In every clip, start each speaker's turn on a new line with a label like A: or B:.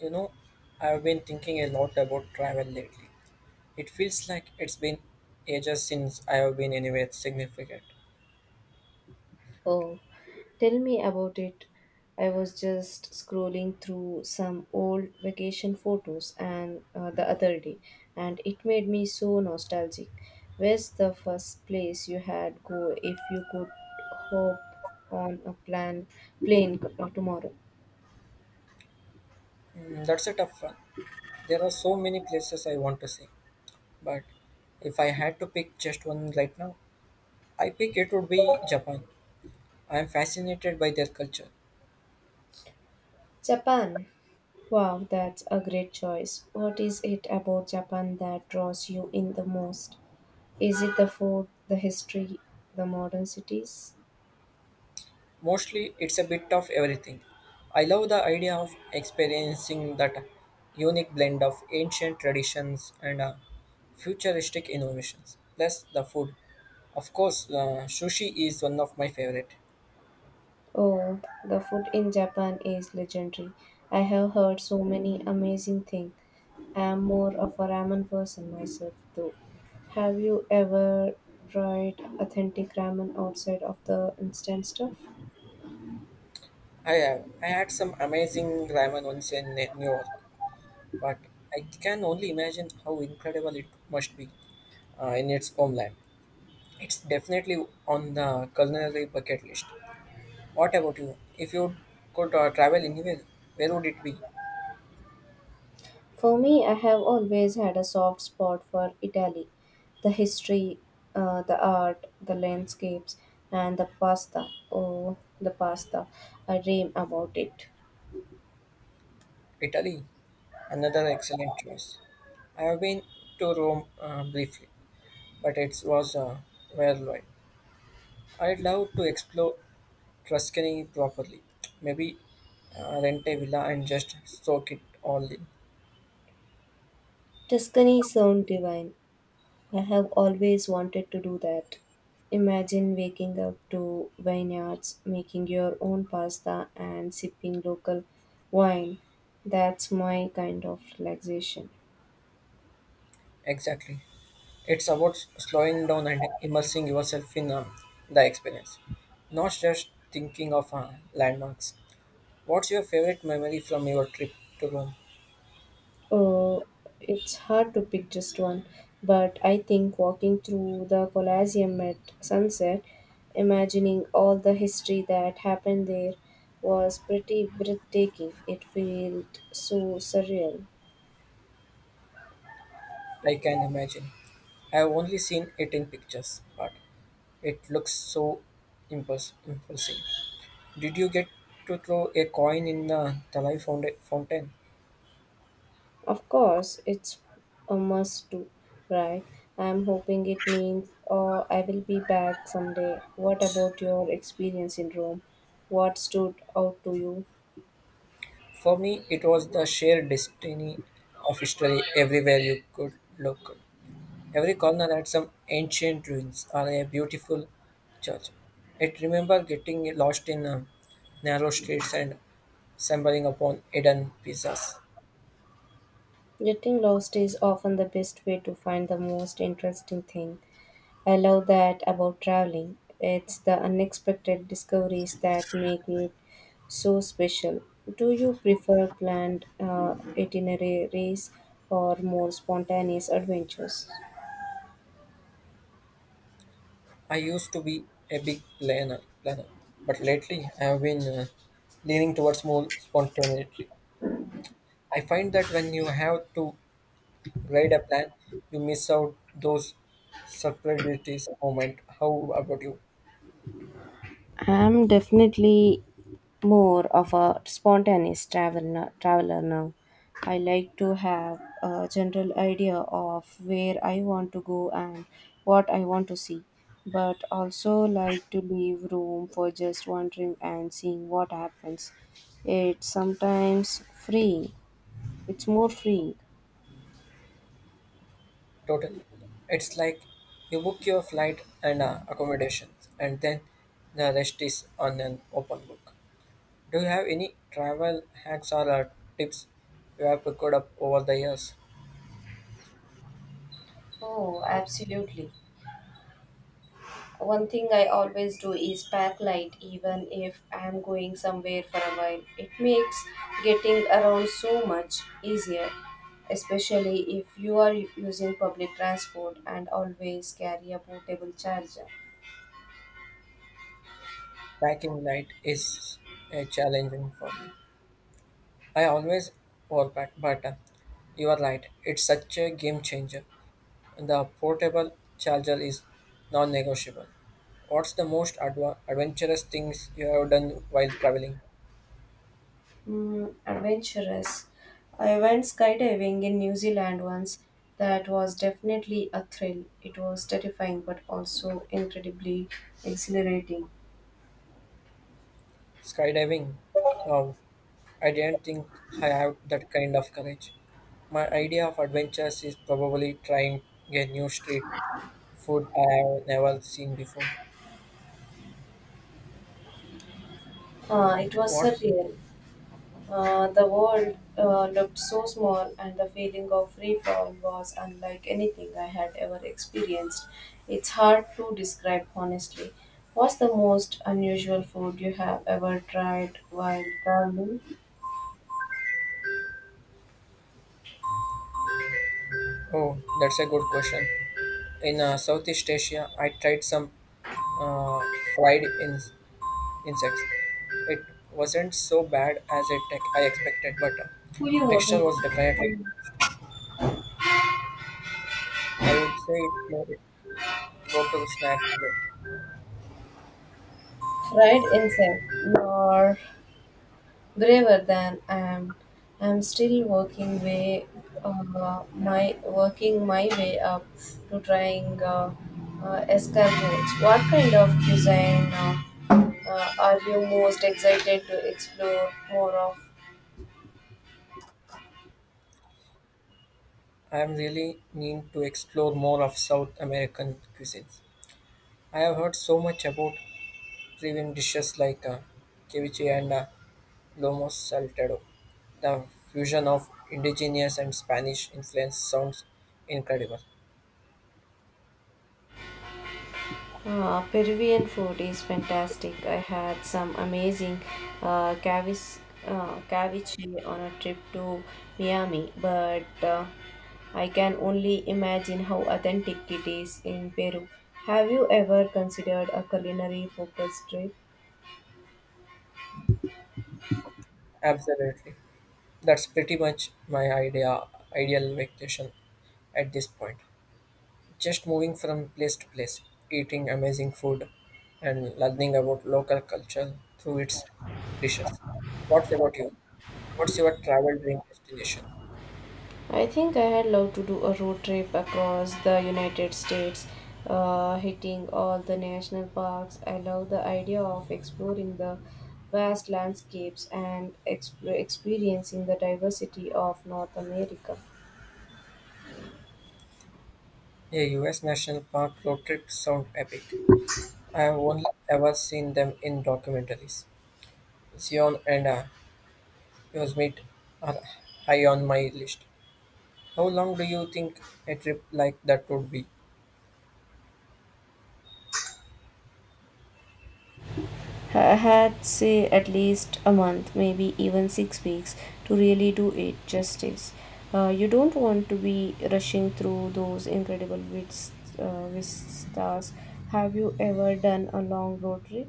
A: You know, I've been thinking a lot about travel lately. It feels like it's been ages since I have been anywhere significant.
B: Oh, tell me about it. I was just scrolling through some old vacation photos and the other day, and it made me so nostalgic. Where's the first place you had go if you could hop on a plane tomorrow?
A: Mm, that's a tough one. There are so many places I want to see, but if I had to pick just one right now, I pick it would be Japan. I am fascinated by their culture.
B: Japan. Wow, that's a great choice. What is it about Japan that draws you in the most? Is it the food, the history, the modern cities?
A: Mostly, it's a bit of everything. I love the idea of experiencing that unique blend of ancient traditions and futuristic innovations. Plus, the food. Of course, sushi is one of my favorite.
B: Oh, the food in Japan is legendary. I have heard so many amazing things. I am more of a ramen person myself, though. Have you ever tried authentic ramen outside of the instant stuff?
A: I had some amazing ramen once in New York, but I can only imagine how incredible it must be in its homeland. It's definitely on the culinary bucket list. What about you? If you could travel anywhere, where would it be?
B: For me, I have always had a soft spot for Italy. The history, the art, the landscapes, and the pasta. Oh, the pasta. I dream about it.
A: Italy, another excellent choice. I have been to Rome briefly, but it was whirlwind. I'd love to explore Tuscany properly. Maybe rent a villa and just soak it all in.
B: Tuscany sound divine. I have always wanted to do that. Imagine waking up to vineyards, making your own pasta, and sipping local wine. That's my kind of relaxation.
A: Exactly. It's about slowing down and immersing yourself in the experience, not just thinking of landmarks. What's your favorite memory from your trip to Rome?
B: Oh, it's hard to pick just one, but I think walking through the Colosseum at sunset, imagining all the history that happened there, was pretty breathtaking. It felt so surreal.
A: I can imagine. I have only seen it in pictures, but it looks so imposing. Did you get to throw a coin in the Thalai fountain?
B: Of course, it's a must do, right? I'm hoping it means oh, I will be back someday. What about your experience in Rome? What stood out to you?
A: For me, it was the sheer destiny of history everywhere you could look. Every corner had some ancient ruins or a beautiful church. I remember getting lost in narrow streets and stumbling upon hidden pizzas.
B: Getting lost is often the best way to find the most interesting thing. I love that about traveling. It's the unexpected discoveries that make it so special. Do you prefer planned itineraries or more spontaneous adventures?
A: I used to be a big planner, but lately I have been leaning towards more spontaneity. I find that when you have to write a plan, you miss out those surprise moment. How about you?
B: I'm definitely more of a spontaneous traveler now. I like to have a general idea of where I want to go and what I want to see, but also like to leave room for just wandering and seeing what happens. It's sometimes freeing. It's more freeing.
A: Totally. It's like you book your flight and accommodations, and then the rest is on an open book. Do you have any travel hacks or tips you have picked up over the years?
B: Oh, absolutely. One thing I always do is pack light, even if I am going somewhere for a while. It makes getting around so much easier, especially if you are using public transport and always carry a portable charger.
A: Packing light is challenging for me. I always overpack, but you are right. It's such a game changer. The portable charger is non-negotiable. What's the most adventurous things you have done while traveling?
B: Adventurous. I went skydiving in New Zealand once. That was definitely a thrill. It was terrifying but also incredibly exhilarating.
A: Skydiving? Wow, I didn't think I have that kind of courage. My idea of adventures is probably trying a new street food I have never seen before.
B: It was
A: What?
B: surreal. The world looked so small, and the feeling of free fall was unlike anything I had ever experienced. It's hard to describe honestly. What's the most unusual food you have ever tried while traveling?
A: Oh, that's a good question. In Southeast Asia, I tried some uh, fried in insects. It wasn't so bad as it tech I expected, but texture was definitely. I would say it's my go-to snack today.
B: Fried insect, or. Braver than I am. I'm still working way my working my way up to trying escargots. What kind of cuisine are you most excited to explore more of?
A: I am really mean to explore more of South American cuisines. I have heard so much about premium dishes like ceviche and lomo saltado. The fusion of indigenous and Spanish influence sounds incredible.
B: Peruvian food is fantastic. I had some amazing uh, cavis, ceviche on a trip to Miami, but I can only imagine how authentic it is in Peru. Have you ever considered a culinary focused trip?
A: Absolutely. That's pretty much my ideal vacation at this point. Just moving from place to place, eating amazing food, and learning about local culture through its dishes. What's about you? What's your travel dream destination?
B: I think I'd love to do a road trip across the United States, hitting all the national parks. I love the idea of exploring the vast landscapes and experiencing the diversity of North America.
A: A US national park road trip sound epic. I have only ever seen them in documentaries. Zion and Yosemite are high on my list. How long do you think a trip like that would be?
B: I had, say, at least a month, maybe even 6 weeks, to really do it justice. You don't want to be rushing through those incredible vistas. Have you ever done a long road trip?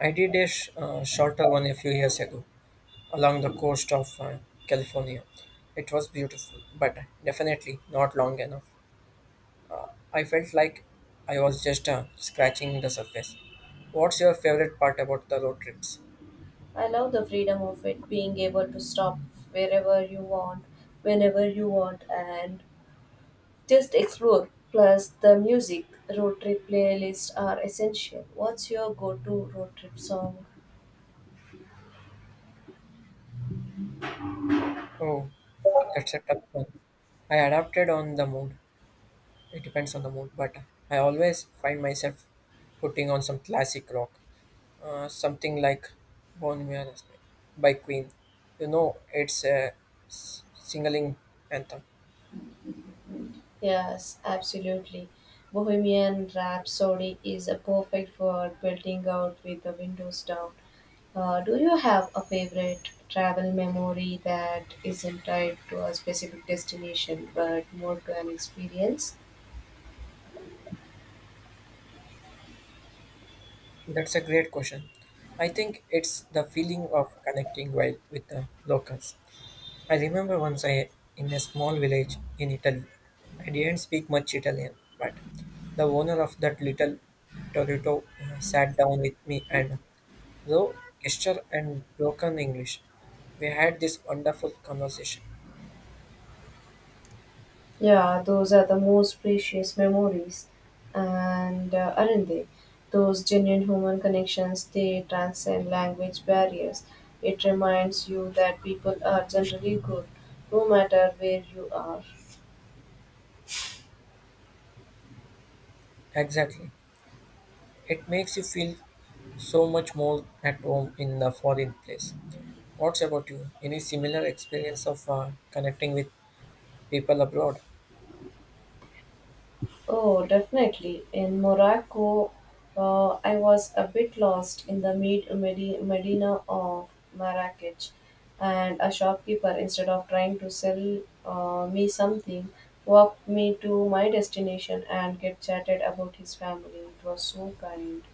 A: I did a shorter one a few years ago, along the coast of California. It was beautiful, but definitely not long enough. I felt like I was just scratching the surface. What's your favorite part about the road trips?
B: I love the freedom of it, being able to stop wherever you want, whenever you want, and just explore. Plus, the music road trip playlists are essential. What's your go to road trip song?
A: Oh, that's a tough one. I adapted on the mood. It depends on the mood, but I always find myself putting on some classic rock, something like Bon Iver by Queen. You know, it's a singling anthem.
B: Yes, absolutely. Bohemian Rhapsody is a perfect for belting out with the windows down. Do you have a favorite travel memory that isn't tied to a specific destination but more to an experience?
A: That's a great question. I think it's the feeling of connecting well with the locals. I remember once I in a small village in Italy. I didn't speak much Italian, but the owner of that little Torito sat down with me and though gesture and broken English, we had this wonderful conversation.
B: Yeah, those are the most precious memories, and aren't they? Those genuine human connections, they transcend language barriers. It reminds you that people are generally good, no matter where you are.
A: Exactly. It makes you feel so much more at home in the foreign place. What's about you? Any similar experience of connecting with people abroad.
B: Oh, definitely. In Morocco, I was a bit lost in the Medina of Marrakech, and a shopkeeper, instead of trying to sell me something, walked me to my destination and get chatted about his family. It was so kind.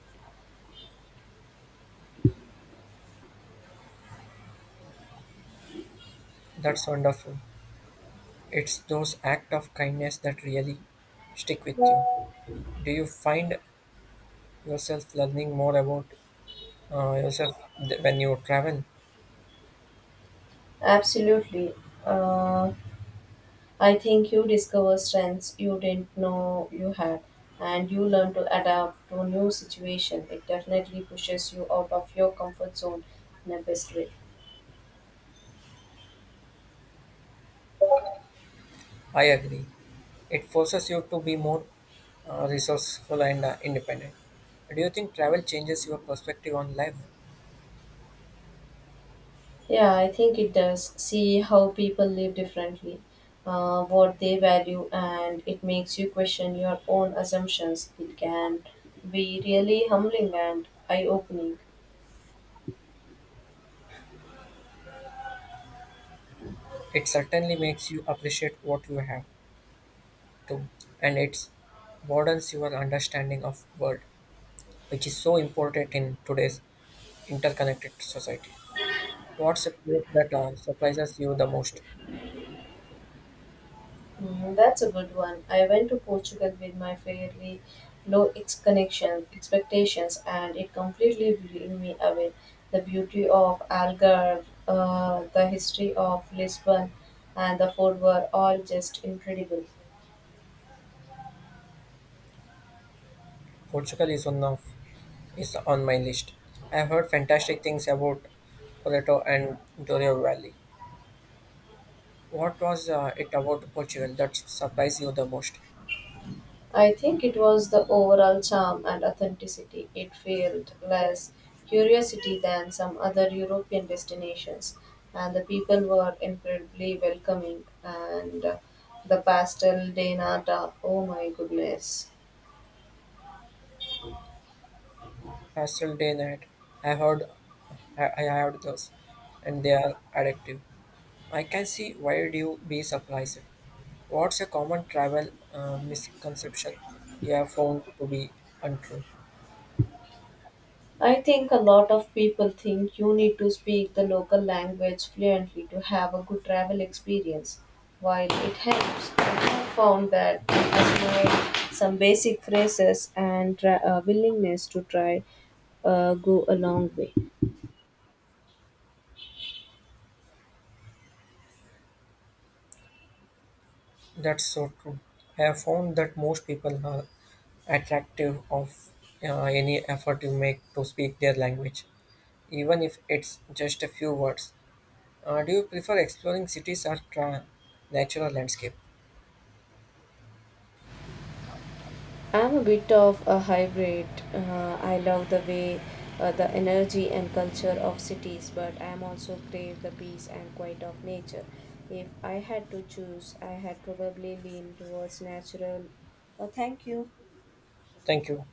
A: That's wonderful. It's those acts of kindness that really stick with you. Do you find yourself learning more about yourself when you travel?
B: Absolutely. Uh, I think you discover strengths you didn't know you had, and you learn to adapt to new situation. It definitely pushes you out of your comfort zone in a best way.
A: I agree. It forces you to be more resourceful and independent. Do you think travel changes your perspective on life?
B: Yeah, I think it does. See how people live differently, what they value, and it makes you question your own assumptions. It can be really humbling and eye-opening.
A: It certainly makes you appreciate what you have too, and it broadens your understanding of world, which is so important in today's interconnected society. What's a place that surprises you the most?
B: That's a good one. I went to Portugal with my fairly connection expectations, and it completely blew me away. The beauty of Algarve, the history of Lisbon, and the food were all just incredible.
A: Portugal is one of is on my list. I have heard fantastic things about Porto and Douro Valley. What was it about Portugal that surprised you the most?
B: I think it was the overall charm and authenticity. It felt less curiosity than some other European destinations, and the people were incredibly welcoming. And the pastel de nata, oh my goodness.
A: Pastel day night. I heard I heard those, and they are addictive. I can see why would you be surprised. What's a common travel misconception you have found to be untrue?
B: I think a lot of people think you need to speak the local language fluently to have a good travel experience. While it helps, I have found that it has made some basic phrases and willingness to try go a long way.
A: That's so true. I have found that most people are attractive of any effort you make to speak their language, even if it's just a few words. Do you prefer exploring cities or natural landscape?
B: I'm a bit of a hybrid. I love the way the energy and culture of cities, but I'm also crave the peace and quiet of nature. If I had to choose, I had probably lean towards natural. Oh, thank you.
A: Thank you.